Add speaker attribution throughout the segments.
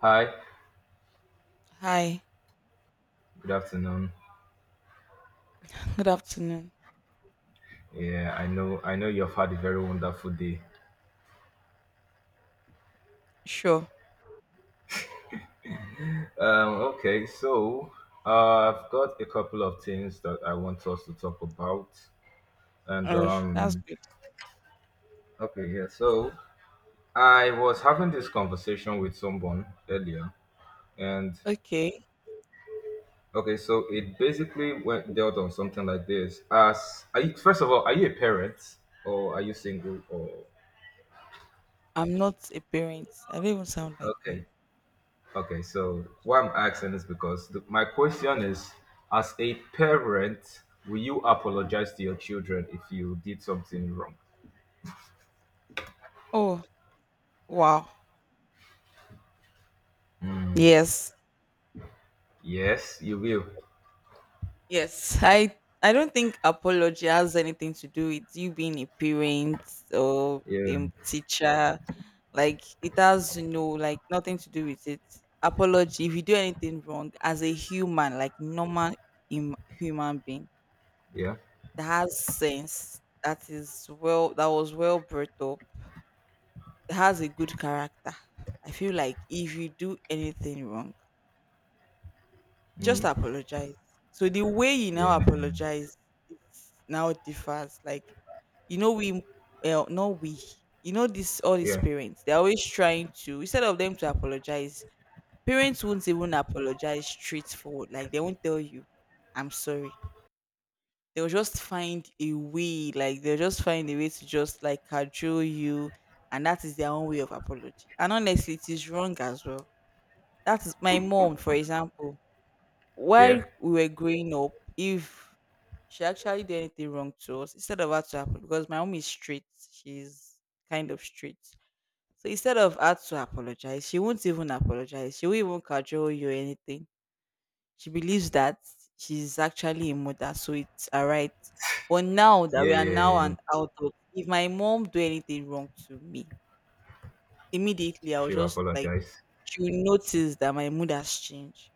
Speaker 1: Hi,
Speaker 2: Hi,
Speaker 1: good afternoon.
Speaker 2: good afternoon.
Speaker 1: Yeah, I know you've had a very wonderful day.
Speaker 2: Sure.
Speaker 1: Okay, so I've got a couple of things that I want us to talk about. And
Speaker 2: That's good.
Speaker 1: okay, yeah, so I was having this conversation with someone earlier, and
Speaker 2: Okay.
Speaker 1: okay, so it basically went dealt on something like this. As Are you, first of all, are you a parent or are you single, or?
Speaker 2: I'm not a parent. I don't even sound like one.
Speaker 1: Okay. Okay, so why I'm asking is because my question is, as a parent, will you apologize to your children if you did something wrong?
Speaker 2: Oh, wow. Yes.
Speaker 1: Yes, you will.
Speaker 2: Yes. I don't think apology has anything to do with you being a parent or
Speaker 1: Yeah,
Speaker 2: a teacher. Like it has no like nothing to do with it. Apology, if you do anything wrong as a human, like normal human being
Speaker 1: yeah,
Speaker 2: that has sense, that is well that was well brought up, has a good character. I feel like if you do anything wrong, just
Speaker 1: mm,
Speaker 2: apologize. So the way you now
Speaker 1: yeah,
Speaker 2: apologize, it's now differs. Like you know we well not we this all these
Speaker 1: yeah,
Speaker 2: parents, they're always trying to, instead of them to apologize, parents won't even apologize straightforward. Like they won't tell you I'm sorry. They'll just find a way, like they'll just find a way to just like cajole you, and that is their own way of apology, and honestly it is wrong as well. That is my mom, for example.
Speaker 1: yeah,
Speaker 2: While we were growing up, if she actually did anything wrong to us, instead of her to apologize, because my mom is straight, she's kind of straight. So instead of her to apologize, she won't even apologize. She won't even cajole you or anything. She believes that she's actually a mother, so it's all right. But now that
Speaker 1: yeah,
Speaker 2: we are
Speaker 1: yeah,
Speaker 2: now
Speaker 1: yeah, yeah.
Speaker 2: an adult, if my mom do anything wrong to me, immediately, I was
Speaker 1: She will
Speaker 2: just like,
Speaker 1: apologize.
Speaker 2: she will notice that my mood has changed.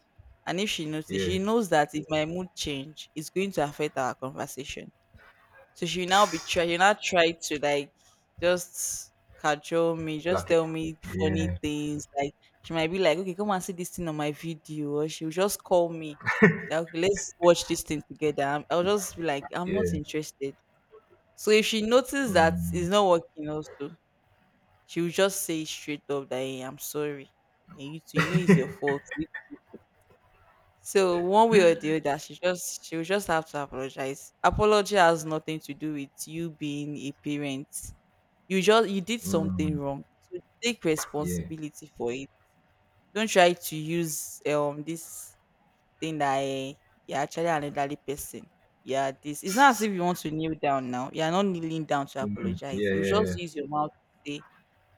Speaker 2: And if she notices,
Speaker 1: Yeah,
Speaker 2: she knows that if my mood change, it's going to affect our conversation. So, she will now try to like just cajole me, just
Speaker 1: like it.
Speaker 2: tell me funny
Speaker 1: Yeah,
Speaker 2: things. Like she might be like, okay, come and see this thing on my video, or she'll just call me. Like, okay, let's watch this thing together. I'll just be like, I'm not
Speaker 1: yeah,
Speaker 2: interested. So if she notices that it's
Speaker 1: mm,
Speaker 2: not working, also she will just say straight up that hey, I'm sorry. And you too, you know it's your fault. So one way or the other, she will just have to apologize. Apology has nothing to do with you being a parent. You did something
Speaker 1: mm,
Speaker 2: wrong. So take
Speaker 1: yeah,
Speaker 2: responsibility for it. Don't try to use this thing that you're actually an elderly person. Yeah, this it's not as if you want to kneel down now. You're not kneeling down to
Speaker 1: mm,
Speaker 2: apologize.
Speaker 1: yeah,
Speaker 2: You
Speaker 1: yeah,
Speaker 2: just
Speaker 1: yeah,
Speaker 2: use your mouth to say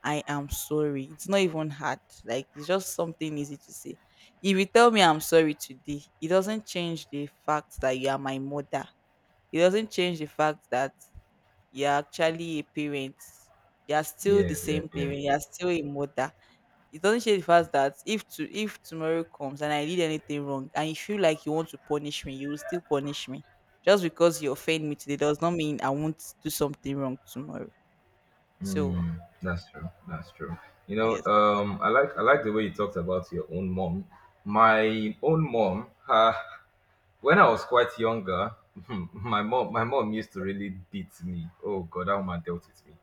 Speaker 2: I am sorry. It's not even hard. Like it's just something easy to say. If you tell me I'm sorry today, it doesn't change the fact that you are my mother. It doesn't change the fact that you're actually a parent. You're still the
Speaker 1: yeah, yeah,
Speaker 2: same
Speaker 1: yeah.
Speaker 2: parent. You're still a mother. It doesn't change the fact that if tomorrow comes and I did anything wrong and you feel like you want to punish me, you will still punish me. Just because you offend me today does not mean I won't do something wrong tomorrow. So
Speaker 1: Mm, that's true. That's true. You know,
Speaker 2: yes.
Speaker 1: I like the way you talked about your own mom. My own mom, when I was quite younger, my mom used to really beat me. Oh God, that woman dealt with me.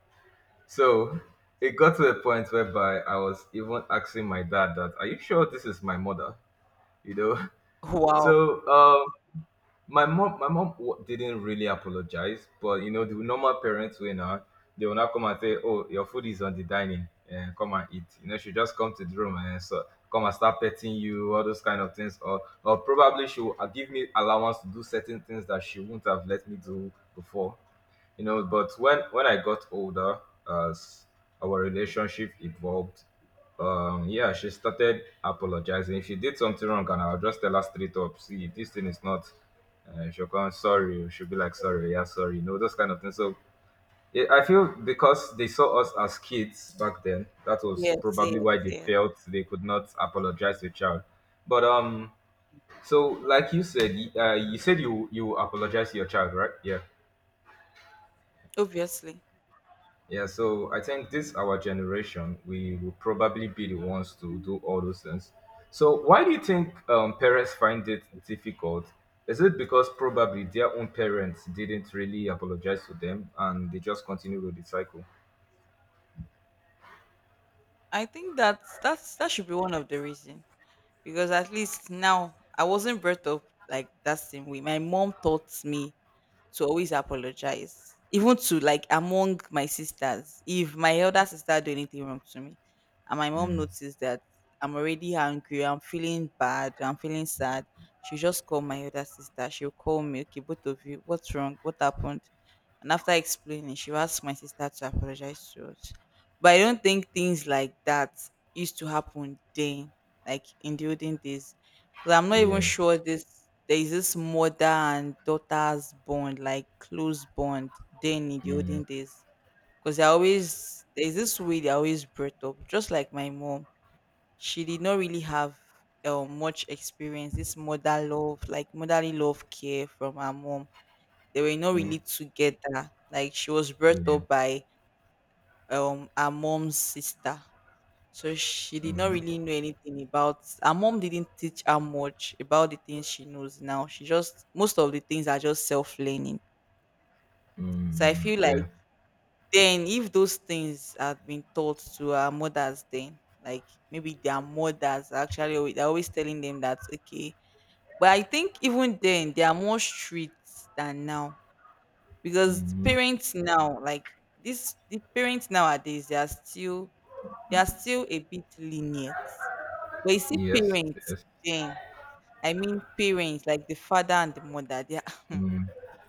Speaker 1: So it got to a point whereby I was even asking my dad that, "Are you sure this is my mother?" You know.
Speaker 2: Wow.
Speaker 1: So my mom didn't really apologize, but you know, the normal parents way now, they will not come and say, oh, your food is on the dining and come and eat. You know, she just come to the room and so come and start petting you, all those kind of things, or probably she will give me allowance to do certain things that she wouldn't have let me do before. You know, but when I got older, as our relationship evolved, yeah, she started apologizing if she did something wrong, and I'll just tell her straight up, see, this thing is not if you're going sorry, you should be like sorry, yeah, sorry, you know, those kind of things. So yeah, I feel because they saw us as kids back then, that was
Speaker 2: Yes,
Speaker 1: probably
Speaker 2: yes,
Speaker 1: why they
Speaker 2: yes.
Speaker 1: felt they could not apologize to a child. But so like you said, you said you apologize to your child, right? Yeah.
Speaker 2: Obviously.
Speaker 1: Yeah, so I think this our generation, we will probably be the ones to do all those things. So why do you think parents find it difficult? Is it because probably their own parents didn't really apologize to them and they just continue with the cycle?
Speaker 2: I think that's that should be one of the reasons. Because at least now I wasn't brought up like that same way. My mom taught me to always apologize. Even to like among my sisters. If my elder sister do anything wrong to me and my mom noticed that I'm already angry, I'm feeling bad, I'm feeling sad. She just call my elder sister. She'll call me, okay, both of you, what's wrong? What happened? And after explaining, she asked my sister to apologize to us. But I don't think things like that used to happen then, like in the olden days. Because I'm not even
Speaker 1: Yeah.
Speaker 2: sure this there is this mother and daughter's bond, like close bond then in the olden days. Because they are always there's this way they are always brought up. Just like my mom, she did not really have much experience, this mother love, like motherly love care from her mom. They were not
Speaker 1: Mm.
Speaker 2: really together. Like she was brought
Speaker 1: Yeah.
Speaker 2: up by her mom's sister. So she did not
Speaker 1: Hmm.
Speaker 2: really know anything about, her mom didn't teach her much about the things she knows now. She just, most of the things are just self-learning. So I
Speaker 1: Mm.
Speaker 2: feel like
Speaker 1: Yeah.
Speaker 2: then if those things had been taught to our mothers then, like maybe their mothers actually they're always telling them that okay. But I think even then they are more strict than now because
Speaker 1: Hmm.
Speaker 2: parents now like this the parents nowadays, they are still a bit lenient. But you see
Speaker 1: Yes.
Speaker 2: parents
Speaker 1: Yes.
Speaker 2: then, I mean parents like the father and the mother, they are,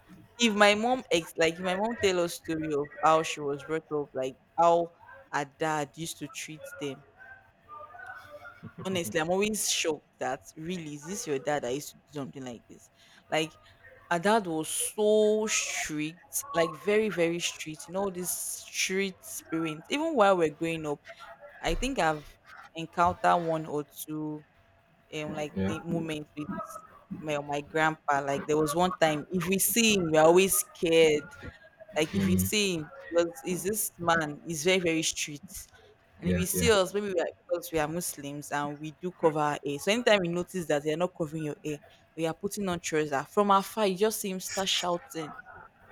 Speaker 2: if my mom ex like if my mom tell us story of how she was brought up, like how her dad used to treat them. Honestly, I'm always shocked that really is this your dad that used to do something like this? Like our dad was so strict, like very, very strict. You know, this strict parents. Even while we're growing up, I think I've encountered one or two like the
Speaker 1: Yeah.
Speaker 2: moments with my grandpa. Like there was one time if we see him, we're always scared. Like if we see him, because is this man is very, very strict. And if
Speaker 1: Yeah.
Speaker 2: you
Speaker 1: Yeah.
Speaker 2: see us, maybe we are, because we are Muslims and we do cover our hair. So anytime we notice that you're not covering your hair, we are putting on trouser, from afar, you just see him start shouting,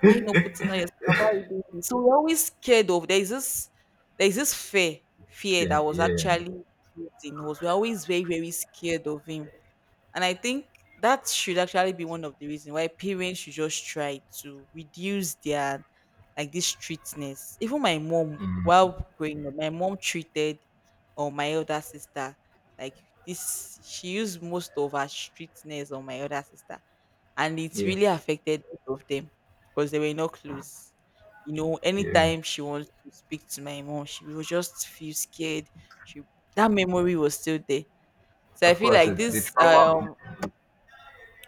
Speaker 2: "Why you not putting on your scarf? Why you doing this?" So we're always scared of, there is this fear that
Speaker 1: Yeah.
Speaker 2: was
Speaker 1: Yeah.
Speaker 2: actually built in us. We're always very, very scared of him, and I think that should actually be one of the reasons why parents should just try to reduce their like this treatness. Even my mom, while growing up, my mom treated or my older sister like this. She used most of her streetness on my older sister, and it
Speaker 1: Yeah.
Speaker 2: really affected both of them because they were not close. You know,
Speaker 1: Yeah.
Speaker 2: anytime she wants to speak to my mom, she will just feel scared. She that memory was still there. So I
Speaker 1: Of
Speaker 2: feel
Speaker 1: course,
Speaker 2: like
Speaker 1: the
Speaker 2: this
Speaker 1: trauma.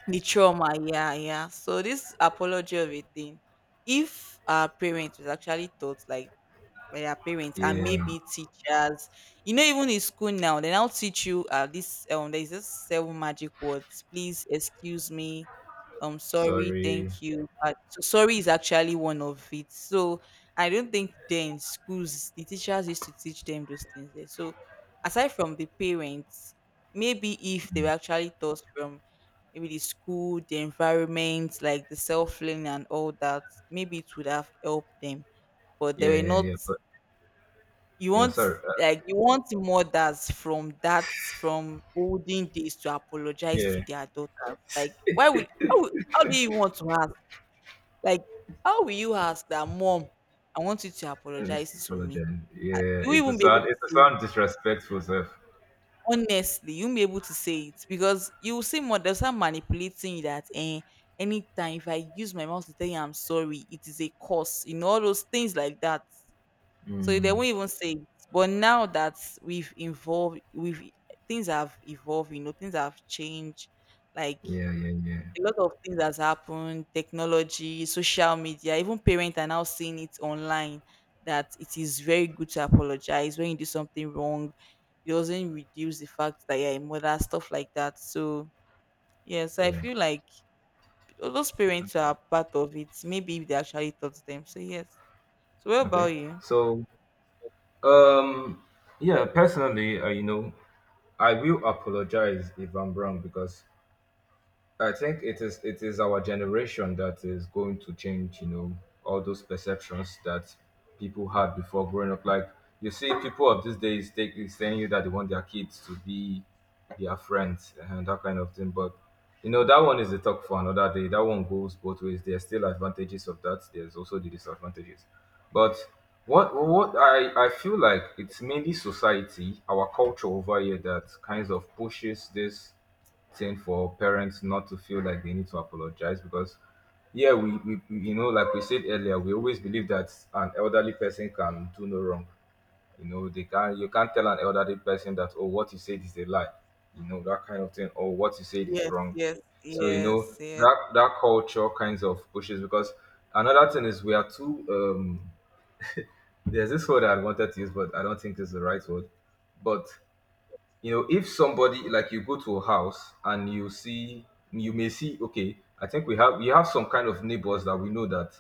Speaker 2: the trauma, yeah, yeah. So this apology of a thing, if our parents was actually taught like by their parents and
Speaker 1: Yeah.
Speaker 2: maybe teachers, you know, even in school now, they now teach you this there's this seven magic words. Please, excuse me. Sorry,
Speaker 1: Sorry.
Speaker 2: thank you. But so sorry is actually one of it. So I don't think then schools, the teachers used to teach them those things there. So aside from the parents, maybe if they were actually taught from maybe the school, the environment, like the self learning and all that, maybe it would have helped them. But they
Speaker 1: Yeah.
Speaker 2: were
Speaker 1: Yeah.
Speaker 2: not,
Speaker 1: Yeah. But.
Speaker 2: you
Speaker 1: Yeah,
Speaker 2: want,
Speaker 1: sorry. Uh,
Speaker 2: like you want mothers from that, from olden days to apologize to
Speaker 1: yeah,
Speaker 2: their daughters. Like why would how do you want to ask? Like how will you ask that mom, I want you to
Speaker 1: and
Speaker 2: apologize
Speaker 1: it's
Speaker 2: to me?
Speaker 1: apologize.
Speaker 2: You
Speaker 1: Yeah,
Speaker 2: won't
Speaker 1: it's a
Speaker 2: even be able
Speaker 1: sound.
Speaker 2: to
Speaker 1: It's a
Speaker 2: say it.
Speaker 1: sound disrespectful, sir.
Speaker 2: Honestly, you will be able to say it because you will see more, there's some manipulating you that eh, anytime if I use my mouth to tell you I'm sorry, it is a curse, you know, all those things like that. So they
Speaker 1: Mm,
Speaker 2: won't even say it. But now that we've things have evolved, you know, things have changed. Like
Speaker 1: yeah, yeah, yeah,
Speaker 2: a lot of things has happened, technology, social media, even parents are now seeing it online that it is very good to apologize when you do something wrong. It doesn't reduce the fact that you're a mother, stuff like that. So yes, I
Speaker 1: yeah.
Speaker 2: feel like all those parents who are part of it. Maybe if they actually taught them. So yes. So what about
Speaker 1: Okay.
Speaker 2: you?
Speaker 1: So, um, yeah. Personally, you know, I will apologize if I'm wrong, because I think it is our generation that is going to change, you know, all those perceptions that people had before growing up. Like, you see, people of these days, they is telling you that they want their kids to be their friends and that kind of thing. But you know, that one is a talk for another day. That one goes both ways. There are still advantages of that. There's also the disadvantages. But what I feel like it's mainly society, our culture over here that kinds of pushes this thing for parents not to feel like they need to apologize, because yeah, we you know, like we said earlier, we always believe that an elderly person can do no wrong. You know, they can you can't tell an elderly person that, oh, what you said is a lie. You know, that kind of thing, or what you said is
Speaker 2: Yes,
Speaker 1: wrong.
Speaker 2: yes,
Speaker 1: So you
Speaker 2: yes,
Speaker 1: know
Speaker 2: yes,
Speaker 1: that culture kinds of pushes, because another thing is we are too there's this word I wanted to use, but I don't think it's the right word. But you know, if somebody, like, you go to a house and you see, you may see, okay, I think we have some kind of neighbors that we know that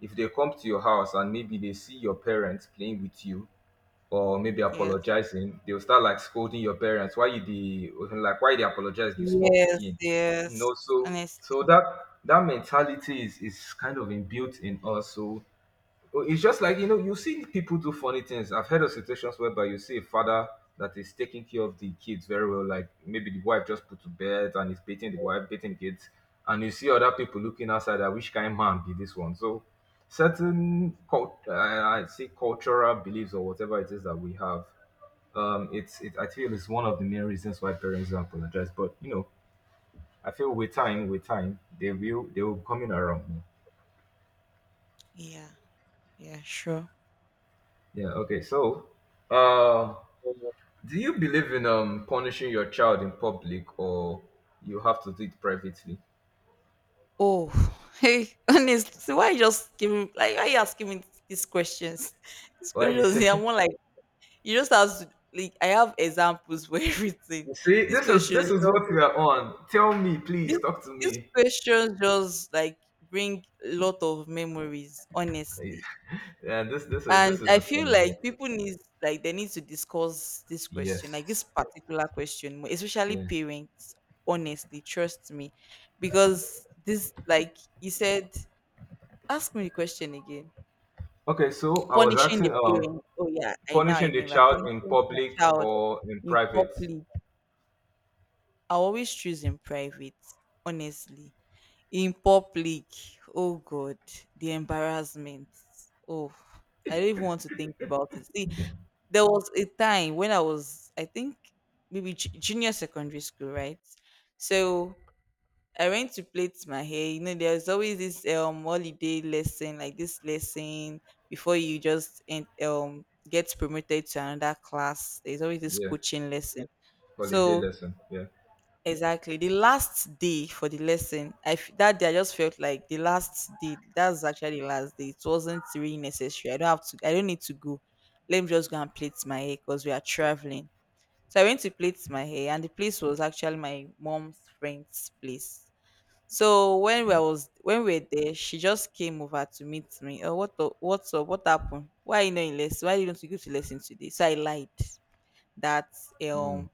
Speaker 1: if they come to your house and maybe they see your parents playing with you or maybe
Speaker 2: yes.
Speaker 1: apologizing, they'll start like scolding your parents. Why you the Like, why they apologize, this small
Speaker 2: Yes,
Speaker 1: picking? You
Speaker 2: yes.
Speaker 1: know, so
Speaker 2: Honestly.
Speaker 1: so that mentality is kind of inbuilt in us. So well, it's just like, you know, you see people do funny things. I've heard of situations whereby you see a father that is taking care of the kids very well, like, maybe the wife just put to bed, and he's beating the wife, beating the kids, and you see other people looking outside at, which kind man be this one? So certain I say, cultural beliefs or whatever it is that we have, it's it I feel it's one of the main reasons why parents don't apologize. But you know, I feel with time, they will be coming around.
Speaker 2: Yeah, yeah, sure.
Speaker 1: Yeah. Okay. So. Uh, Do you believe in punishing your child in public, or you have to do it privately?
Speaker 2: Oh, hey, honestly, why you just giving, like why you asking me these questions? These
Speaker 1: Why do you
Speaker 2: questions, I'm
Speaker 1: say?
Speaker 2: more like, you just have to like, I have examples for everything.
Speaker 1: You see,
Speaker 2: These
Speaker 1: this is
Speaker 2: questions
Speaker 1: this is what we
Speaker 2: just
Speaker 1: are on. Tell me,
Speaker 2: this
Speaker 1: please, talk to
Speaker 2: these
Speaker 1: me.
Speaker 2: questions just like bring a lot of memories,
Speaker 1: Yeah,
Speaker 2: honestly.
Speaker 1: yeah, this this is this
Speaker 2: And
Speaker 1: is
Speaker 2: I
Speaker 1: the fun
Speaker 2: feel
Speaker 1: of it.
Speaker 2: like people need, like they need to discuss this question,
Speaker 1: Yes.
Speaker 2: like this particular question, more, especially
Speaker 1: Yeah.
Speaker 2: parents, honestly, trust me. Because this like you said, ask me the question again.
Speaker 1: Okay, so I was
Speaker 2: Punishing the
Speaker 1: asking
Speaker 2: parent. Oh yeah, I now
Speaker 1: punishing the
Speaker 2: remember,
Speaker 1: child in
Speaker 2: punishing the
Speaker 1: public
Speaker 2: child
Speaker 1: or in
Speaker 2: in
Speaker 1: private.
Speaker 2: public. I always choose in private, honestly. In public, oh God, the embarrassment. Oh, I don't even want to think about it. See, there was a time when I was, I think, maybe junior secondary school, right? So I went to plait my hair. You know, there's always this holiday lesson, like this lesson before you just get promoted to another class. There's always this
Speaker 1: Yeah.
Speaker 2: coaching lesson.
Speaker 1: Holiday
Speaker 2: So
Speaker 1: lesson. Yeah.
Speaker 2: exactly the last day for the lesson, that day I just felt like the last day. That's actually the last day. It wasn't really necessary. I don't have to. I don't need to go. Let me just go and plait my hair because we are traveling. So I went to plait my hair, and the place was actually my mom's friend's place. So when we
Speaker 1: Yeah.
Speaker 2: was when we were there, she just came over to meet me. Oh, what's up? What happened? Why are you not in lesson? Why didn't you go to lesson today? So I lied that
Speaker 1: Mm.
Speaker 2: um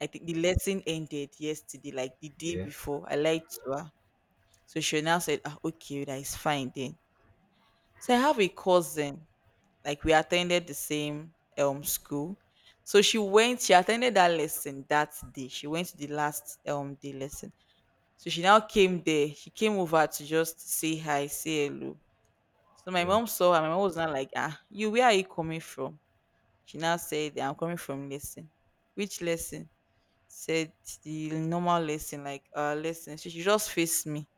Speaker 2: I think the lesson ended yesterday, like the day
Speaker 1: Yeah.
Speaker 2: before. I lied to her. So she now said, ah, okay, that is fine then. So I have a cousin, like we attended the same school. So she attended that lesson that day. She went to the last day lesson. So she now came there. She came over to just say hi, say hello. So my
Speaker 1: Yeah.
Speaker 2: mom saw her. My mom was not like, ah, you, where are you coming from? She now said, "Yeah, I'm coming from lesson." Which lesson? Said the normal lesson, like lesson. So she just faced me.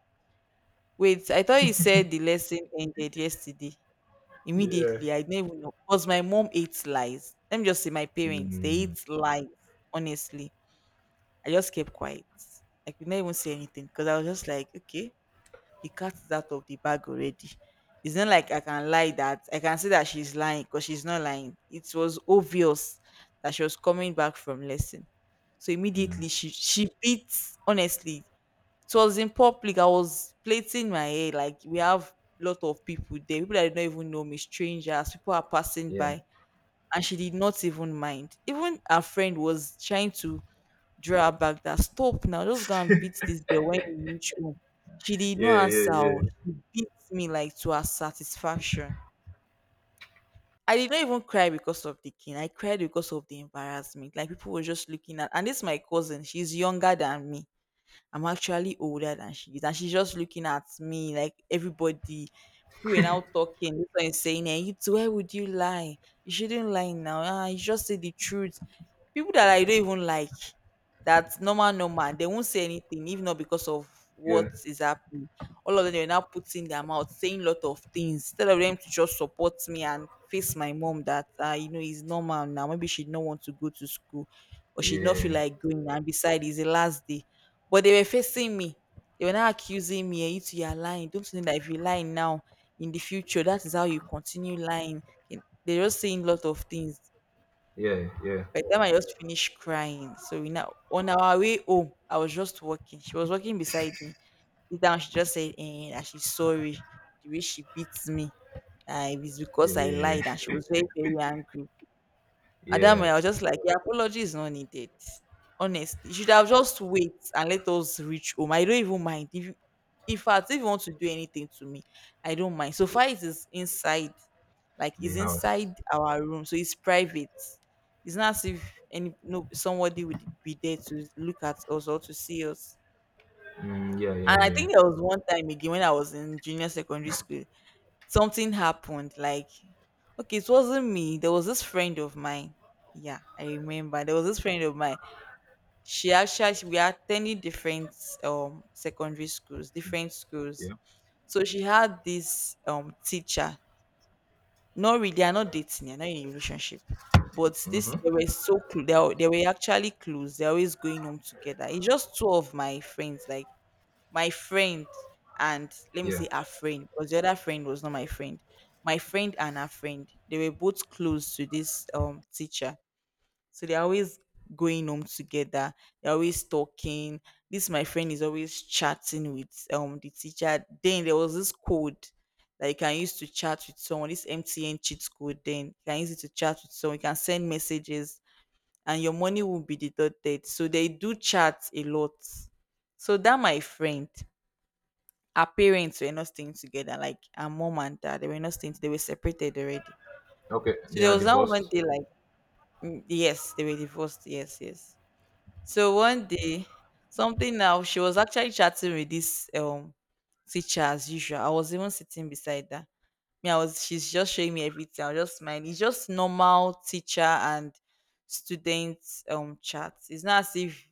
Speaker 2: Wait, I thought you said the lesson ended yesterday.
Speaker 1: Yeah.
Speaker 2: Immediately, I didn't even know. Because my mom hates lies. Let me just say my parents, they
Speaker 1: Mm.
Speaker 2: hate lies, honestly. I just kept quiet. I could not even say anything because I was just like, okay, the cat is out of the bag already. It's not like I can lie that I can say that she's lying because she's not lying. It was obvious that she was coming back from lesson. So
Speaker 1: Mm.
Speaker 2: immediately she beat honestly. It was in public. I was plaiting my hair. Like we have a lot of people there, people that do not even know me, strangers, people are passing
Speaker 1: Yeah.
Speaker 2: by. And she did not even mind. Even her friend was trying to draw her back that, "Stop now, just go and
Speaker 1: Yeah,
Speaker 2: beat this girl when you reach home." She did
Speaker 1: yeah,
Speaker 2: not answer.
Speaker 1: yeah.
Speaker 2: Oh. She beat me like to her satisfaction. I did not even cry because of the king. I cried because of the embarrassment. Like people were just looking at, and this is my cousin. She's younger than me. I'm actually older than she is. And she's just looking at me like everybody. People were now talking, this one is saying, hey, you too, why would you lie? You shouldn't lie now. Ah, you just say the truth. People that I don't even like, that's normal, normal. They won't say anything, even not because of what
Speaker 1: Yeah,
Speaker 2: is happening. All of them they were now putting their mouth, saying a lot of things, instead of them to just support me and face my mom that you know is normal now. Maybe she'd not want to go to school or she'd not feel
Speaker 1: yeah,
Speaker 2: like going. And besides, it's the last day. But they were facing me. They were now accusing me, "Eh, You two, you are lying. Don't you know that if you lie now, in the future, that is how you continue lying." And they were just saying a lot of things.
Speaker 1: yeah, yeah,
Speaker 2: By the time I just finished crying, so we now on our way home, I was just walking. She was walking beside me. Sit down, she just said, eh, eh, that she's sorry the way she beats me. It's because I
Speaker 1: yeah,
Speaker 2: lied, and she was very, very angry. At
Speaker 1: yeah,
Speaker 2: that
Speaker 1: yeah.
Speaker 2: moment, I was just like, the apology is not needed. Honestly, you should have just wait and let us reach home. I don't even mind. If you, in fact, if you want to do anything to me, I don't mind. So far, it is inside, like
Speaker 1: The
Speaker 2: it's
Speaker 1: house.
Speaker 2: inside our room, so it's private. It's not as if any no somebody would be there to look at us or to see us.
Speaker 1: Mm, yeah,
Speaker 2: And
Speaker 1: yeah,
Speaker 2: I
Speaker 1: yeah,
Speaker 2: think there was one time again when I was in junior secondary school something happened like okay it wasn't me. There was this friend of mine. Yeah, I remember there was this friend of mine. We are attending different secondary schools, different schools.
Speaker 1: yeah.
Speaker 2: So she had this teacher. Not really, they are not dating, they're not in a relationship, but this
Speaker 1: Mm-hmm.
Speaker 2: they were actually close. They're always going home together. It's just two of my friends, like my friend, and let me
Speaker 1: Yeah.
Speaker 2: say her friend because the other friend was not my friend. My friend and her friend, they were both close to this teacher. So they're always going home together. They're always talking. This my friend is always chatting with the teacher. Then there was this code that you can use to chat with someone, this mtn cheat code, then you can use it to chat with someone, you can send messages and your money will be deducted. So they do chat a lot. So that my friend, her parents were not staying together, like her mom and dad, they were not staying, they were separated already.
Speaker 1: Okay,
Speaker 2: So
Speaker 1: they
Speaker 2: there
Speaker 1: are
Speaker 2: was that one
Speaker 1: divorced.
Speaker 2: day, like, mm, yes, they were divorced, yes, yes. So one day, something now, she was actually chatting with this teacher as usual. I was even sitting beside her. Me, I was she's just showing me everything. I was just smiling. It's just normal teacher and student chat. It's not as if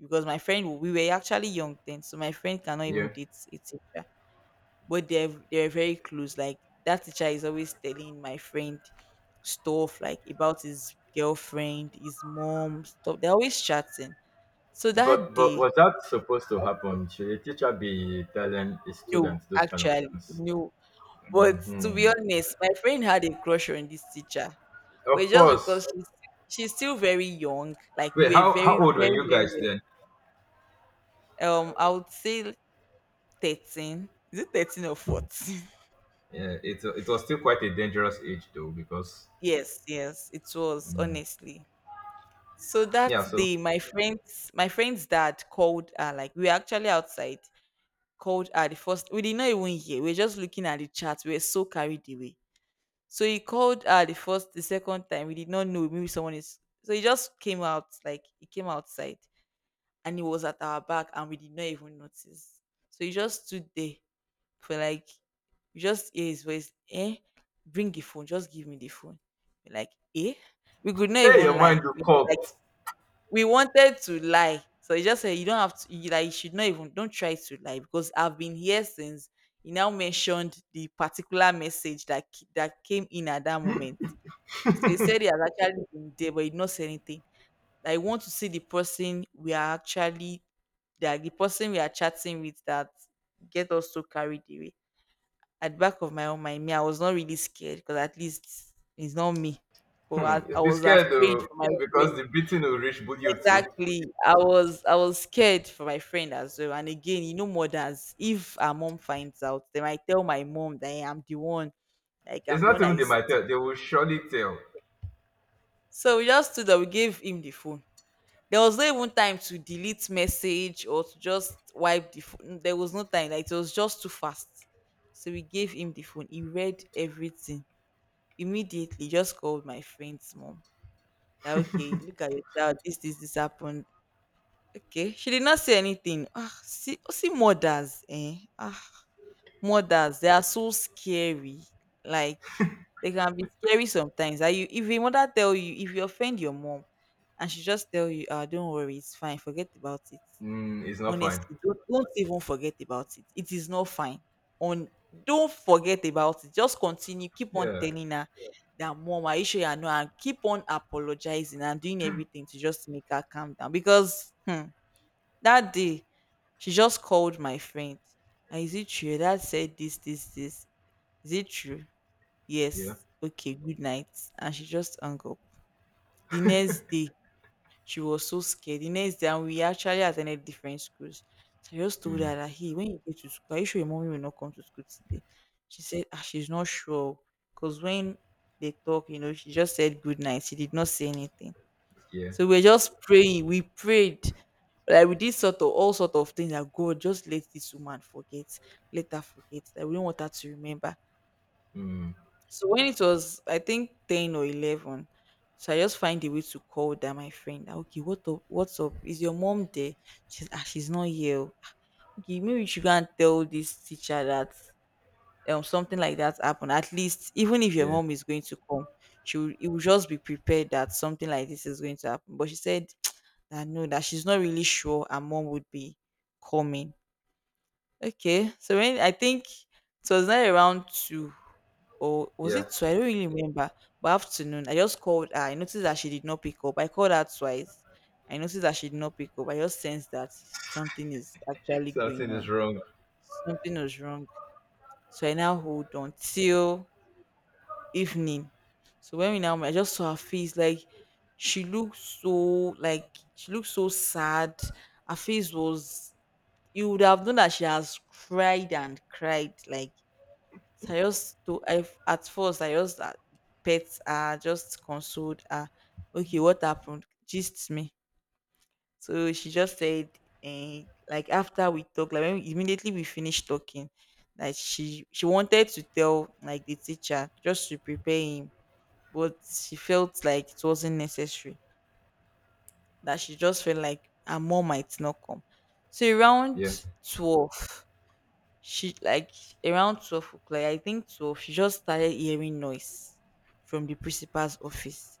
Speaker 2: because my friend we were actually young then, so my friend cannot even
Speaker 1: Yeah.
Speaker 2: date a teacher, but they're very close. Like that teacher is always telling my friend stuff like about his girlfriend, his mom, stuff. They're always chatting. So that
Speaker 1: But
Speaker 2: day,
Speaker 1: was that supposed to happen? Should a teacher be telling a
Speaker 2: no,
Speaker 1: student those kind of
Speaker 2: actually,
Speaker 1: things?
Speaker 2: no. But to be
Speaker 1: Hmm.
Speaker 2: honest, my friend had a crush on this teacher.
Speaker 1: Of
Speaker 2: But just
Speaker 1: course.
Speaker 2: because she's still very young, like
Speaker 1: Wait,
Speaker 2: we were
Speaker 1: how
Speaker 2: very,
Speaker 1: how old were
Speaker 2: very,
Speaker 1: you
Speaker 2: very
Speaker 1: guys
Speaker 2: young.
Speaker 1: then?
Speaker 2: I would say 13. Is it 13 or 14?
Speaker 1: Yeah, it was still quite a dangerous age though, because
Speaker 2: Yes, yes, it was honestly. So that
Speaker 1: yeah. So
Speaker 2: day, my friends, my friend's dad called her. Like we were actually outside, called her the first. We did not even hear. We were just looking at the chat. We were so carried away. So he called her the first, the second time. We did not know. Maybe someone is. So he just came out. Like he came outside, and he was at our back, and we did not even notice. So he just stood there for like. We just hear his voice. Eh, bring the phone. Just give me the phone. We're like, eh. We could not
Speaker 1: hey,
Speaker 2: even
Speaker 1: your mind
Speaker 2: lie.
Speaker 1: will
Speaker 2: We
Speaker 1: caught.
Speaker 2: we wanted to lie. So he just said, you don't have to, you, like, you should not even, don't try to lie because I've been here since he now mentioned the particular message that came in at that moment. So he said he has actually been there, but he did not say anything. I want to see the person we are actually, that the person we are chatting with that get us so carried away. At the back of my own mind, me, I was not really scared because at least it's not me. But
Speaker 1: Hmm,
Speaker 2: I
Speaker 1: you'll be
Speaker 2: was
Speaker 1: scared
Speaker 2: afraid
Speaker 1: though,
Speaker 2: for my
Speaker 1: because
Speaker 2: friend.
Speaker 1: the beating will reach you too.
Speaker 2: Exactly. I was scared for my friend as well. And again, you know, mothers, if her mom finds out, they might tell my mom that I am the one, like
Speaker 1: It's
Speaker 2: I'm the
Speaker 1: not
Speaker 2: one
Speaker 1: even
Speaker 2: that
Speaker 1: they
Speaker 2: is
Speaker 1: might tell. They
Speaker 2: teaching.
Speaker 1: will surely tell.
Speaker 2: So we just stood up, we gave him the phone. There was no even time to delete message or to just wipe the phone. There was no time. Like it was just too fast. So we gave him the phone. He read everything. Immediately just called my friend's mom. That okay, look at your child. This happened. Okay, she did not say anything. Ah, see, oh, see, mothers, eh? Ah, mothers, they are so scary. Like they can be scary sometimes. Are you? If your mother tell you, if you offend your mom, and she just tell you, ah, don't worry, it's fine. Forget about it.
Speaker 1: Mm, it's not fine.
Speaker 2: Honestly, don't even forget about it. It is not fine. On don't forget about it. Just continue. Keep on
Speaker 1: Yeah,
Speaker 2: telling her that mom, are you sure you know? And keep on apologizing and doing everything to just make her calm down because. Hmm, that day she just called my friend. "Ah, is it true? Your dad said this, this, this. Is it true?
Speaker 1: yeah,
Speaker 2: Yes. Okay, good night." And she just hung up. The next day, she was so scared. The next day, and we actually attended different schools. So I just told her
Speaker 1: mm,
Speaker 2: that, hey, when you get to school, are you sure your mommy will not come to school today? She said, ah, she's not sure. Because when they talk, she just said good night. She did not say anything.
Speaker 1: yeah,
Speaker 2: So we are just praying. We prayed. Like we did sort of all sort of things like God, just let this woman forget, let her forget. Like we don't want her to remember.
Speaker 1: mm,
Speaker 2: So when it was, I think 10 or 11, so I just find a way to call that my friend. Okay, what up? What's up? Is your mom there? She's she's not here. Oh. Ah, okay, maybe you should go and tell this teacher that something like that happened. At least even if your
Speaker 1: yeah,
Speaker 2: mom is going to come, she will, it will just be prepared that something like this is going to happen. But she said that no, that she's not really sure her mom would be coming. Okay. So when I think it was not around two or was
Speaker 1: yeah.
Speaker 2: it two? I don't really remember. But afternoon, I just called her. I noticed that she did not pick up. I called her twice. I noticed that she did not pick up. I just sensed that something is actually
Speaker 1: Something
Speaker 2: going
Speaker 1: is
Speaker 2: on.
Speaker 1: wrong.
Speaker 2: Something was wrong. So I now hold on till evening. So when we now met, I just saw her face like she looked so like she looked so sad her face was you would have known that she has cried and cried. Like so I at first I just pet her, just consoled her. Okay, what happened? Just me. So she just said, eh, like after we talked, like immediately we finished talking, like she wanted to tell like the teacher just to prepare him, but she felt like it wasn't necessary. That she just felt like her mom might not come. So
Speaker 1: Yeah,
Speaker 2: around 12 she like around 12 o'clock, I think 12, she just started hearing noise from the principal's office,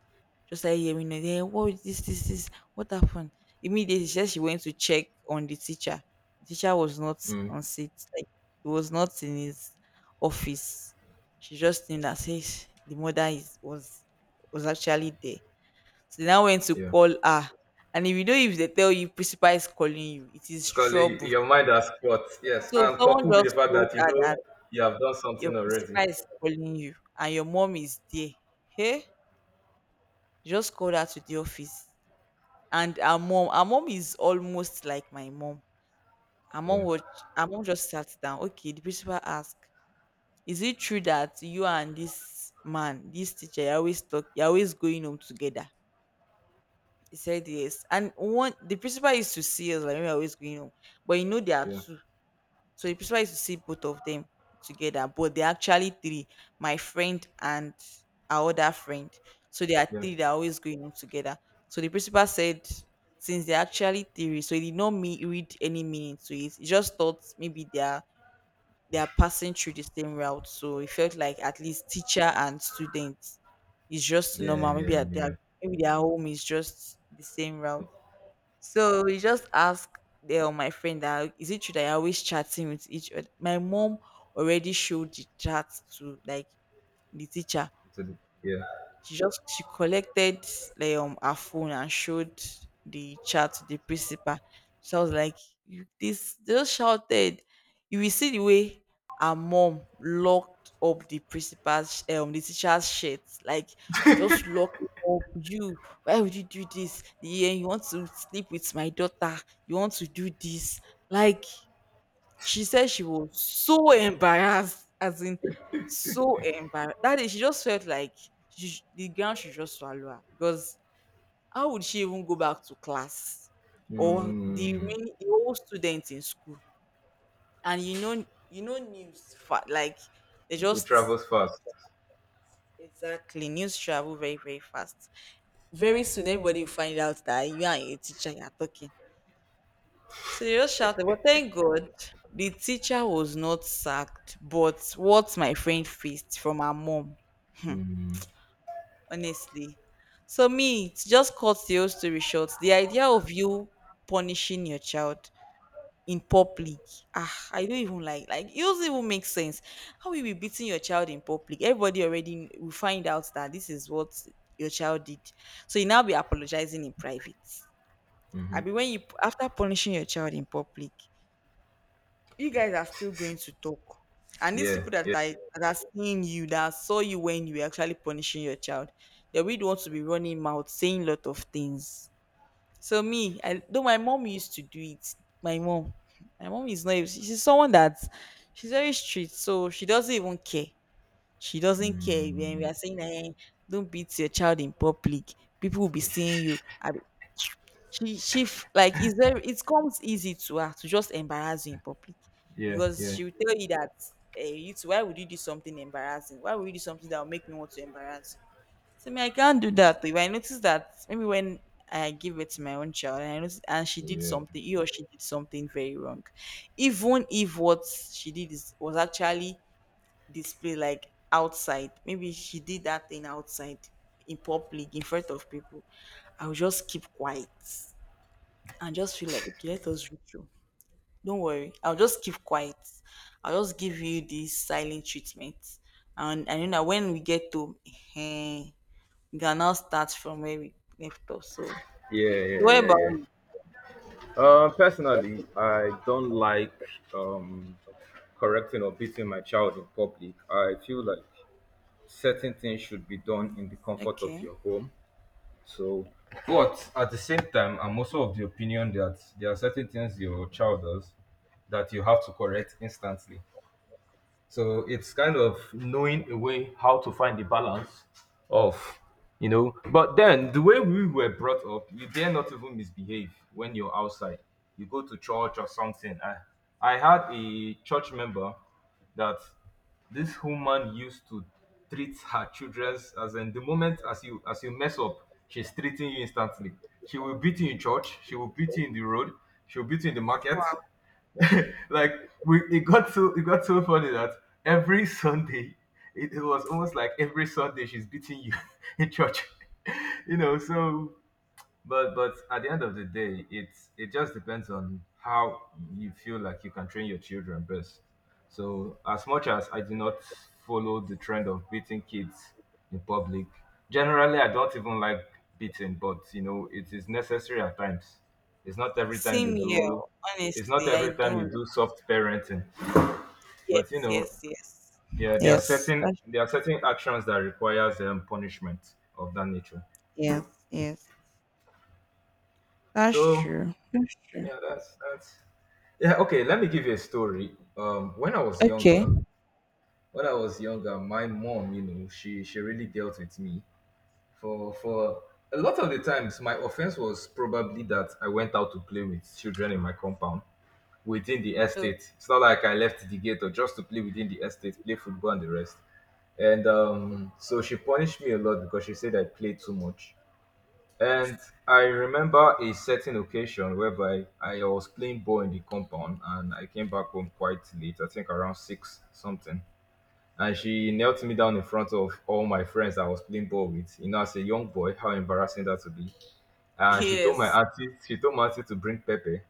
Speaker 2: just started hearing noise. Hey, what is this, this, this, what happened? Immediately, she said she went to check on the teacher. The teacher was not
Speaker 1: mm,
Speaker 2: on seat, like he was not in his office. She just think that says the mother is was actually there. So they now went to
Speaker 1: yeah.
Speaker 2: call her. And if you know if they tell you principal is calling you, it is
Speaker 1: Because
Speaker 2: trouble.
Speaker 1: your mind has caught. Yes,
Speaker 2: So
Speaker 1: and
Speaker 2: someone
Speaker 1: coupled with the
Speaker 2: just
Speaker 1: fact
Speaker 2: told
Speaker 1: that you
Speaker 2: her
Speaker 1: know
Speaker 2: that
Speaker 1: you have done
Speaker 2: your
Speaker 1: something already.
Speaker 2: principal is calling you and your mom is there. Hey, just call her to the office. And our mom is almost like my mom. Our mom
Speaker 1: Yeah,
Speaker 2: would our mom just sat down. Okay, the principal asked, is it true that you and this man, this teacher, you always talk, you're always going home together? He said yes. And one the principal used to see us like we are always going home. But you know there are
Speaker 1: yeah,
Speaker 2: two. So it prefers to see both of them together, but they're actually three. My friend and our other friend. So there are
Speaker 1: yeah,
Speaker 2: three that are always going on together. So the principal said since they're actually three, so he did not read any meaning to it. He just thought maybe they are passing through the same route. So he felt like at least teacher and student is just
Speaker 1: yeah,
Speaker 2: normal. Maybe
Speaker 1: yeah,
Speaker 2: they
Speaker 1: yeah.
Speaker 2: are- maybe their home is just the same route. So we just asked the, my friend that is it true that you're always chatting with each other? My mom already showed the chat to like the teacher
Speaker 1: So yeah,
Speaker 2: she just she collected like her phone and showed the chat to the principal. So I was like, you, this they just shouted. You will see the way her mom locked up the principal's the teacher's shirt, like just lock it up. You why would you do this? Yeah, you want to sleep with my daughter, you want to do this. Like she said she was so embarrassed, as in so embarrassed. That day, she just felt like the ground should just swallow her because how would she even go back to class or the
Speaker 1: mm,
Speaker 2: remaining the whole students in school? And like they
Speaker 1: it
Speaker 2: just
Speaker 1: travels fast.
Speaker 2: exactly news travel very very fast. Very soon, everybody will find out that you and your teacher are talking. So Serious shouted, but thank God the teacher was not sacked, but what my friend faced from her mom,
Speaker 1: Mm,
Speaker 2: honestly. So me, to just cut the whole story short, the idea of you punishing your child in public, ah, I don't even like it doesn't even make sense. How will you be beating your child in public? Everybody already will find out that this is what your child did. So you now be apologizing in private. I mean, when you after punishing your child in public, you guys are still going to talk. And these
Speaker 1: yeah,
Speaker 2: people
Speaker 1: yeah,
Speaker 2: that are seeing you, that saw you when you were actually punishing your child, they would want to be running mouth, saying lot of things. So me, I though my mom used to do it. My mom, my mom is not. She's someone that she's very strict, so she doesn't even care. She doesn't care when we
Speaker 1: mm,
Speaker 2: are saying that, "Eh, don't beat your child in public. People will be seeing you. Like is there it comes easy to her to just embarrass you in public
Speaker 1: yeah,
Speaker 2: because
Speaker 1: yeah,
Speaker 2: she will tell you that eh, you two, why would you do something embarrassing? Why would you do something that will make me want to embarrass you? So me, I can't do that. If I notice that maybe when I give it to my own child and I notice and she did
Speaker 1: yeah, yeah,
Speaker 2: something, he or she did something very wrong. Even if what she did is was actually display like outside. Maybe she did that thing outside in public in front of people. I'll just keep quiet and just feel like okay, let us reach you. Don't worry. I'll just keep quiet. I'll just give you this silent treatment. And you know when we get to eh, we can now start from where we left off. So
Speaker 1: yeah,
Speaker 2: so what
Speaker 1: yeah,
Speaker 2: about
Speaker 1: yeah.
Speaker 2: you?
Speaker 1: Personally, I don't like um, correcting or beating my child in public. I feel like certain things should be done in the comfort of
Speaker 2: Okay.
Speaker 1: your home. So, but at the same time, I'm also of the opinion that there are certain things your child does that you have to correct instantly. So it's kind of knowing a way how to find the balance of, you know. But then the way we were brought up, you dare not even misbehave when you're outside. You go to church or something. I had a church member that this woman used to treat her children, as in the moment as you mess up, she's treating you instantly. She will beat you in church. She will beat you in the road. She will beat you in the market.
Speaker 2: Wow.
Speaker 1: Like, we it got so funny that every Sunday, it was almost like every Sunday she's beating you in church. You know, so but at the end of the day, it's it just depends on how you feel like you can train your children best. So as much as I do not follow the trend of beating kids in public, generally I don't even like beating, but you know it is necessary at times. it's not every time you
Speaker 2: Same here.
Speaker 1: do it's not
Speaker 2: Honestly,
Speaker 1: every
Speaker 2: I
Speaker 1: time you
Speaker 2: don't.
Speaker 1: do soft parenting, but you
Speaker 2: Yes,
Speaker 1: know,
Speaker 2: yes, yes.
Speaker 1: yeah, there are
Speaker 2: Yes.
Speaker 1: certain there are certain actions that requires punishment of that nature.
Speaker 2: Yes, yes. That's
Speaker 1: So
Speaker 2: true. That's true.
Speaker 1: yeah, that's Yeah, okay, let me give you a story. When I was younger,
Speaker 2: Okay.
Speaker 1: when I was younger, my mom, you know, she really dealt with me for a lot of the times. My offense was probably that I went out to play with children in my compound within the
Speaker 2: Oh,
Speaker 1: estate. It's not like I left the gate, or just to play within the estate, play football and the rest. And so she punished me a lot because she said I played too much. And I remember a certain occasion whereby I was playing ball in the compound and I came back home quite late, I think around 6 something. And she knelt me down in front of all my friends I was playing ball with. You know, as a young boy, how embarrassing that would be. And she told my
Speaker 2: yes.
Speaker 1: auntie, she told my auntie to bring pepper,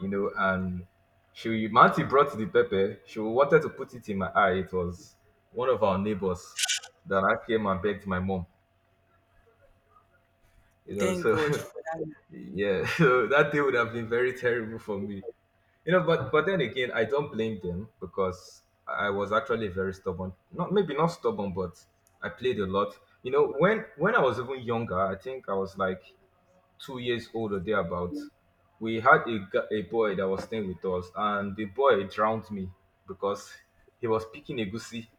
Speaker 1: and she my auntie brought the pepper. She wanted to put it in my eye. It was one of our neighbors that I came and begged my mom. You know,
Speaker 2: Thank
Speaker 1: so
Speaker 2: God for that.
Speaker 1: Yeah, so that day would have been very terrible for me. But then again, I don't blame them because I was actually very stubborn. Not maybe not stubborn, but I played a lot. When I was even younger, I think I was like 2 years old or thereabout. We had a boy that was staying with us, and the boy drowned me because he was picking a goosey,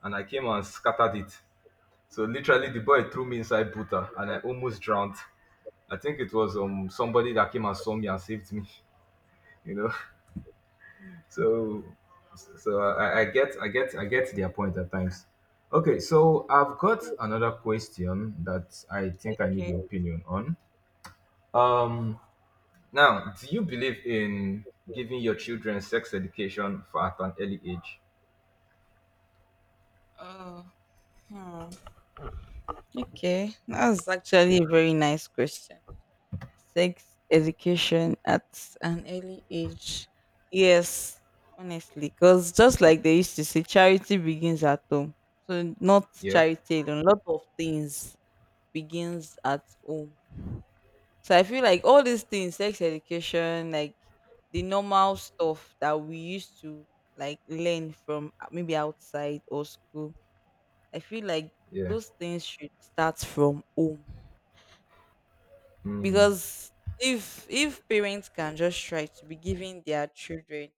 Speaker 1: and I came and scattered it. So literally, the boy threw me inside butter, and I almost drowned. I think it was somebody that came and saw me. And saved me, you know. So I get their point at times. Okay, so I've got another question that I think I need your
Speaker 2: Okay.
Speaker 1: opinion on. Um Now, do you believe in giving your children sex education for at an early age?
Speaker 2: Oh, hmm, okay. That was actually a very nice question. Sex education at an early age. Yes, honestly. Because just like they used to say, charity begins at home. So, not
Speaker 1: Yeah?
Speaker 2: charity alone. A lot of things begins at home. So I feel like all these things, sex education, like the normal stuff that we used to like learn from maybe outside or school, I feel like
Speaker 1: Yeah.
Speaker 2: those things should start from home.
Speaker 1: Mm.
Speaker 2: Because if parents can just try to be giving their children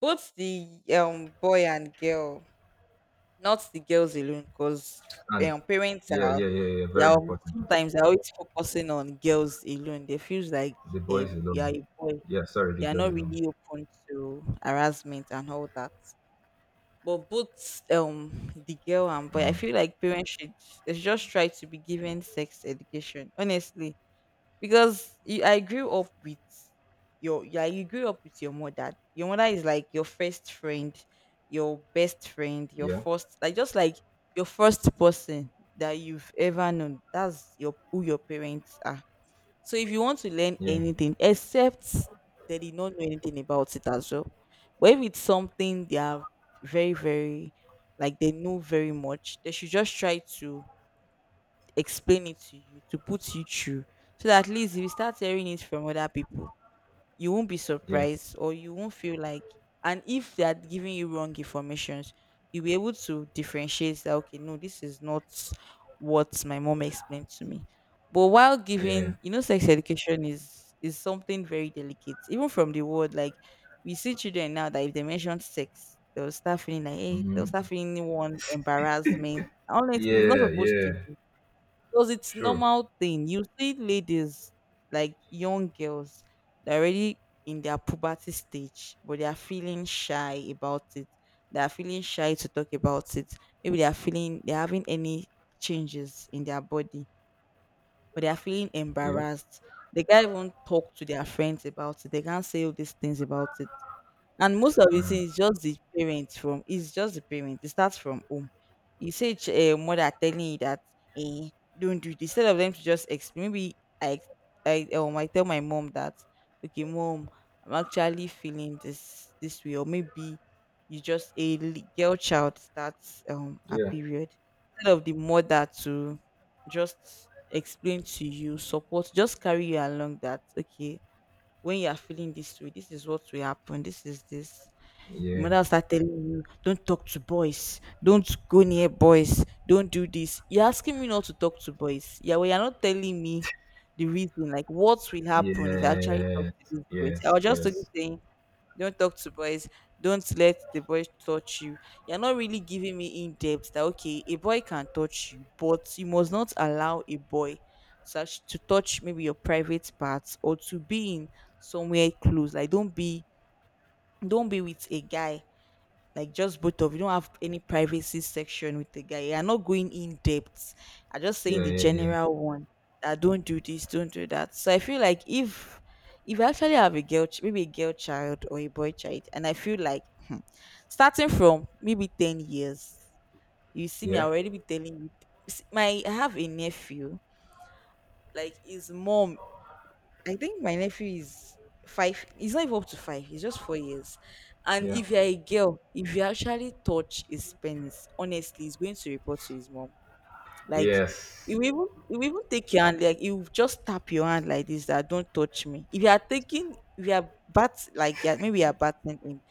Speaker 2: both the boy and girl, not the girls alone, because
Speaker 1: And
Speaker 2: parents
Speaker 1: yeah,
Speaker 2: are
Speaker 1: yeah, yeah, yeah,
Speaker 2: they
Speaker 1: very
Speaker 2: are
Speaker 1: important.
Speaker 2: sometimes they're always focusing on girls alone. They feels like
Speaker 1: The
Speaker 2: eh,
Speaker 1: boys
Speaker 2: you are
Speaker 1: alone.
Speaker 2: a boy
Speaker 1: Yeah, sorry, the
Speaker 2: you are
Speaker 1: girls
Speaker 2: not
Speaker 1: alone.
Speaker 2: really open to harassment and all that. But both the girl and boy, I feel like parents should they should just try to be given sex education, honestly. Because you, I grew up with your yeah, you grew up with your mother. Your mother is like your first friend, your best friend, your
Speaker 1: Yeah,
Speaker 2: first like just like your first person that you've ever known. That's your who your parents are so if you want to learn
Speaker 1: yeah,
Speaker 2: anything, except they did not know anything about it as well. But if it's something they are very, very like they know very much, they should just try to explain it to you, to put you through. So that at least if you start hearing it from other people, you won't be
Speaker 1: yeah,
Speaker 2: surprised or you won't feel like and if they are giving you wrong informations you'll be able to differentiate that okay no this is not what my mom explained to me but while
Speaker 1: yeah,
Speaker 2: giving
Speaker 1: yeah.
Speaker 2: you know sex education is something very delicate even from the word like we see children now that if they mention sex they'll start feeling like hey they'll start
Speaker 1: Mm-hmm.
Speaker 2: feeling one embarrassment honestly it's not
Speaker 1: Yeah,
Speaker 2: supposed to
Speaker 1: yeah,
Speaker 2: be because it's
Speaker 1: sure.
Speaker 2: normal thing. You see ladies, like young girls, they're already in their puberty stage, but they are feeling shy about it. They are feeling shy to talk about it. Maybe they are feeling they're having any changes in their body, but they are feeling
Speaker 1: Yeah,
Speaker 2: embarrassed. They can't even talk to their friends about it. They can't say all these things about it and most of the
Speaker 1: mm,
Speaker 2: thing is just the parents from it's just the parents. It starts from home. You say a mother telling you that eh, don't do this. Instead of them to just explain, I tell my mom that okay, mom, I'm actually feeling this way, or maybe you just girl child starts a
Speaker 1: yeah,
Speaker 2: period. Instead of the mother to just explain to you, support, just carry you along that okay, when you are feeling this way, this is what will happen. This is this. Your
Speaker 1: yeah,
Speaker 2: mother will start telling you, don't talk to boys, don't go near boys, don't do this. You're asking me not to talk to boys. Yeah, well, you're not telling me the reason, like what will happen if I actually talk
Speaker 1: yes,
Speaker 2: to these boys. I
Speaker 1: yes,
Speaker 2: was just only
Speaker 1: yes,
Speaker 2: saying don't talk to boys. Don't let the boys touch you. You're not really giving me in depth that okay, a boy can touch you, but you must not allow a boy such to touch maybe your private parts or to be in somewhere close. Like don't be with a guy like just both of you don't have any privacy section with the guy. You're not going in depth. I'm just saying
Speaker 1: yeah,
Speaker 2: the
Speaker 1: yeah,
Speaker 2: general one, that don't do this, don't do that. So I feel like if I actually have maybe a girl child or a boy child, and I feel like hmm, starting from maybe 10 years, you see me, I
Speaker 1: yeah,
Speaker 2: already
Speaker 1: yeah,
Speaker 2: be telling you. S- my I have a nephew, like his mom. I think my nephew is five. He's not even up to five. He's just 4 years. And
Speaker 1: yeah,
Speaker 2: if you're a girl, if you actually touch his penis, honestly, he's going to report to his mom. Like he
Speaker 1: yes,
Speaker 2: will even he will even take your hand. Like he will just tap your hand like this. That don't touch me. If you are bat like, yeah, maybe you are batting him,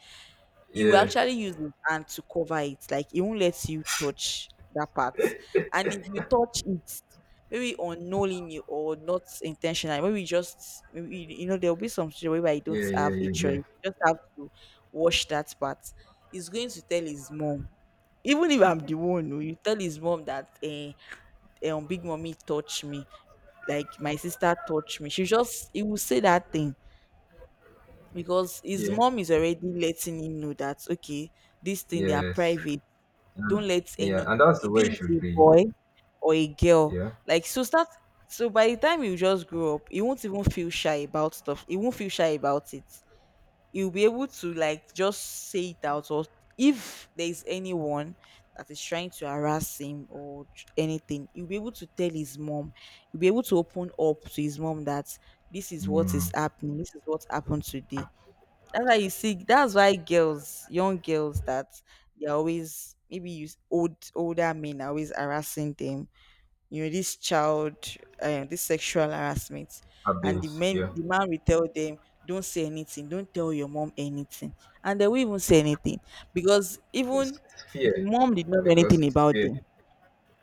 Speaker 2: he will
Speaker 1: yeah,
Speaker 2: actually use his hand to cover it. Like he won't let you touch that part. And if you touch it, maybe unknowingly or not intentionally, maybe you you know there will be some situation where you
Speaker 1: yeah,
Speaker 2: don't
Speaker 1: yeah,
Speaker 2: have a
Speaker 1: yeah,
Speaker 2: choice.
Speaker 1: yeah,
Speaker 2: You just have to wash that part. He's going to tell his mom. Even if I'm the one, oh, you tell his mom that big mommy touched me, like my sister touched me. She just he will say that thing because his
Speaker 1: yeah,
Speaker 2: mom is already letting him know that okay, this thing they are
Speaker 1: yes,
Speaker 2: private, don't
Speaker 1: and
Speaker 2: let
Speaker 1: yeah,
Speaker 2: any,
Speaker 1: and that's the
Speaker 2: be
Speaker 1: way it
Speaker 2: it
Speaker 1: should
Speaker 2: a
Speaker 1: be.
Speaker 2: boy or a girl.
Speaker 1: Yeah,
Speaker 2: like so start so by the time you just grow up, he won't even feel shy about stuff, he won't feel shy about it. He'll be able to like just say it out, or if there's anyone that is trying to harass him anything, he'll be able to tell his mom. He'll be able to open up to his mom that this is what is
Speaker 1: mm,
Speaker 2: happening, this is what happened today. That's why you see. That's why girls, young girls, that they're always maybe use old older men are always harassing them. You know this child, this sexual harassment, and the
Speaker 1: abuse.
Speaker 2: men,
Speaker 1: Yeah,
Speaker 2: the man will tell them, "Don't say anything. Don't tell your mom anything," and they will even say anything because even
Speaker 1: it's
Speaker 2: the
Speaker 1: fear
Speaker 2: mom did not know
Speaker 1: because
Speaker 2: anything
Speaker 1: it's
Speaker 2: about
Speaker 1: fear.
Speaker 2: them.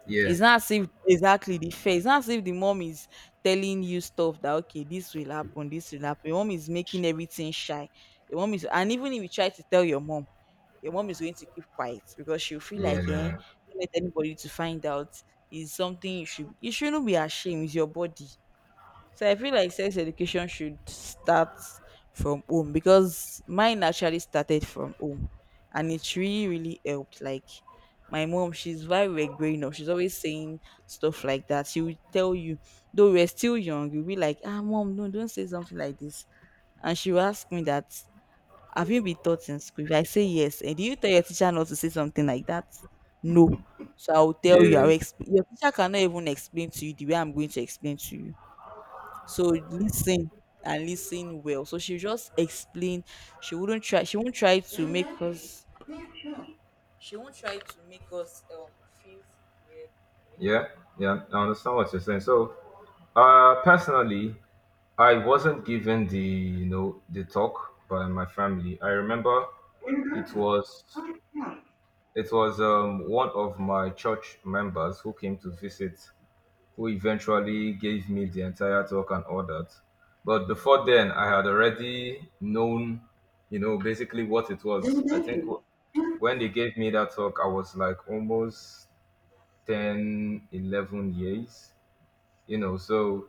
Speaker 1: Yeah,
Speaker 2: It's not as if exactly the fear. It's not as if the mom is telling you stuff that okay, this will happen, this will happen. Your mom is making everything shy. Your mom is, and even if you try to tell your mom is going to keep quiet because she'll feel like,
Speaker 1: yeah,
Speaker 2: don't let anybody to find out. Is something you shouldn't be ashamed. It's your body. So I feel like sex education should start from home, because mine actually started from home, and it really, really helped. Like my mom, she's very we're growing up, she's always saying stuff like that. She will tell you, though we're still young, you'll be like, ah mom, no, don't say something like this. And she will ask me that, have you been taught in school? If I say yes, and do you tell your teacher not to say something like that? No. So I will tell you,
Speaker 1: yeah,
Speaker 2: your teacher cannot even explain to you the way I'm going to explain to you, so listen and listen well. So she just explain. She wouldn't try. She won't try to make us. She won't try to make us feel scared. Or
Speaker 1: yeah, yeah, I understand what you're saying. So, personally, I wasn't given the the talk by my family. I remember it was it was one of my church members who came to visit, who eventually gave me the entire talk and all that. But before then, I had already known, you know, basically what it was. I think when they gave me that talk, I was like almost 10, 11 years you know so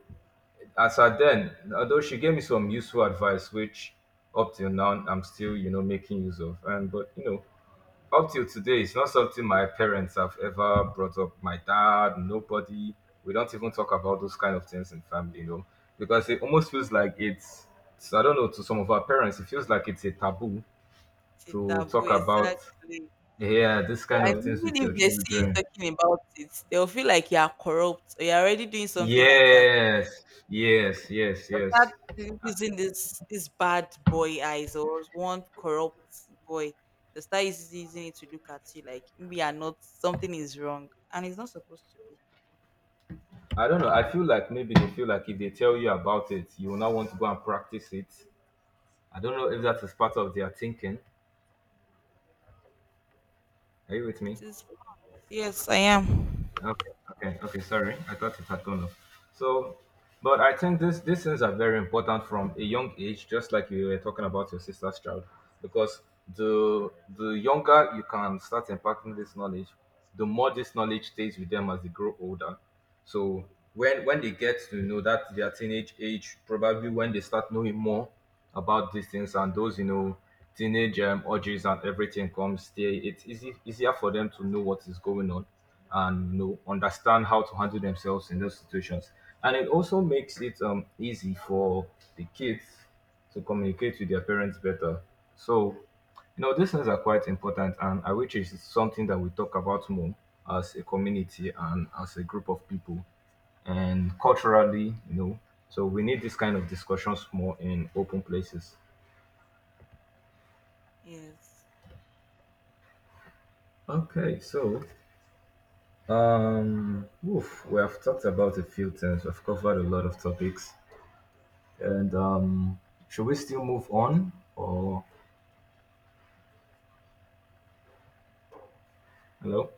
Speaker 1: as at then, although she gave me some useful advice which up till now I'm still making use of, and but you know up till today it's not something my parents have ever brought up. My dad, nobody, we don't even talk about those kind of things in family, you know, because it almost feels like it's so, I don't know, to some of our parents it feels like it's a taboo
Speaker 2: anything.
Speaker 1: to
Speaker 2: Taboo,
Speaker 1: talk about,
Speaker 2: exactly.
Speaker 1: yeah, this kind
Speaker 2: And
Speaker 1: of things with
Speaker 2: even
Speaker 1: your
Speaker 2: if they see you
Speaker 1: children.
Speaker 2: talking about it, they'll feel like you are corrupt or you're already doing something like that.
Speaker 1: Yes, yes, yes,
Speaker 2: They'll start
Speaker 1: yes,
Speaker 2: using this bad boy eyes or one corrupt boy. They start using it to look at you like we are not, something is wrong, and it's not supposed to be.
Speaker 1: I don't know. I feel like maybe they feel like if they tell you about it, you will not want to go and practice it. I don't know if that is part of their thinking. Are you with me?
Speaker 2: It is. Yes, I am.
Speaker 1: Okay, okay, okay. Sorry, I thought it had gone off. So, but I think this these things are very important from a young age, just like you were talking about your sister's child, because the younger you can start impacting this knowledge, the more this knowledge stays with them as they grow older. So when they get to know that their teenage age, probably when they start knowing more about these things and those you know teenage urges and everything comes, they, it's easy easier for them to know what is going on and you know understand how to handle themselves in those situations. And it also makes it easy for the kids to communicate with their parents better. So you know, these things are quite important, and I wish it's something that we talk about more as a community and as a group of people, and culturally, you know. So we need this kind of discussions more in open places.
Speaker 2: Yes.
Speaker 1: Okay, so oof, we have talked about a few things. We've covered a lot of topics, and should we still move on or hello?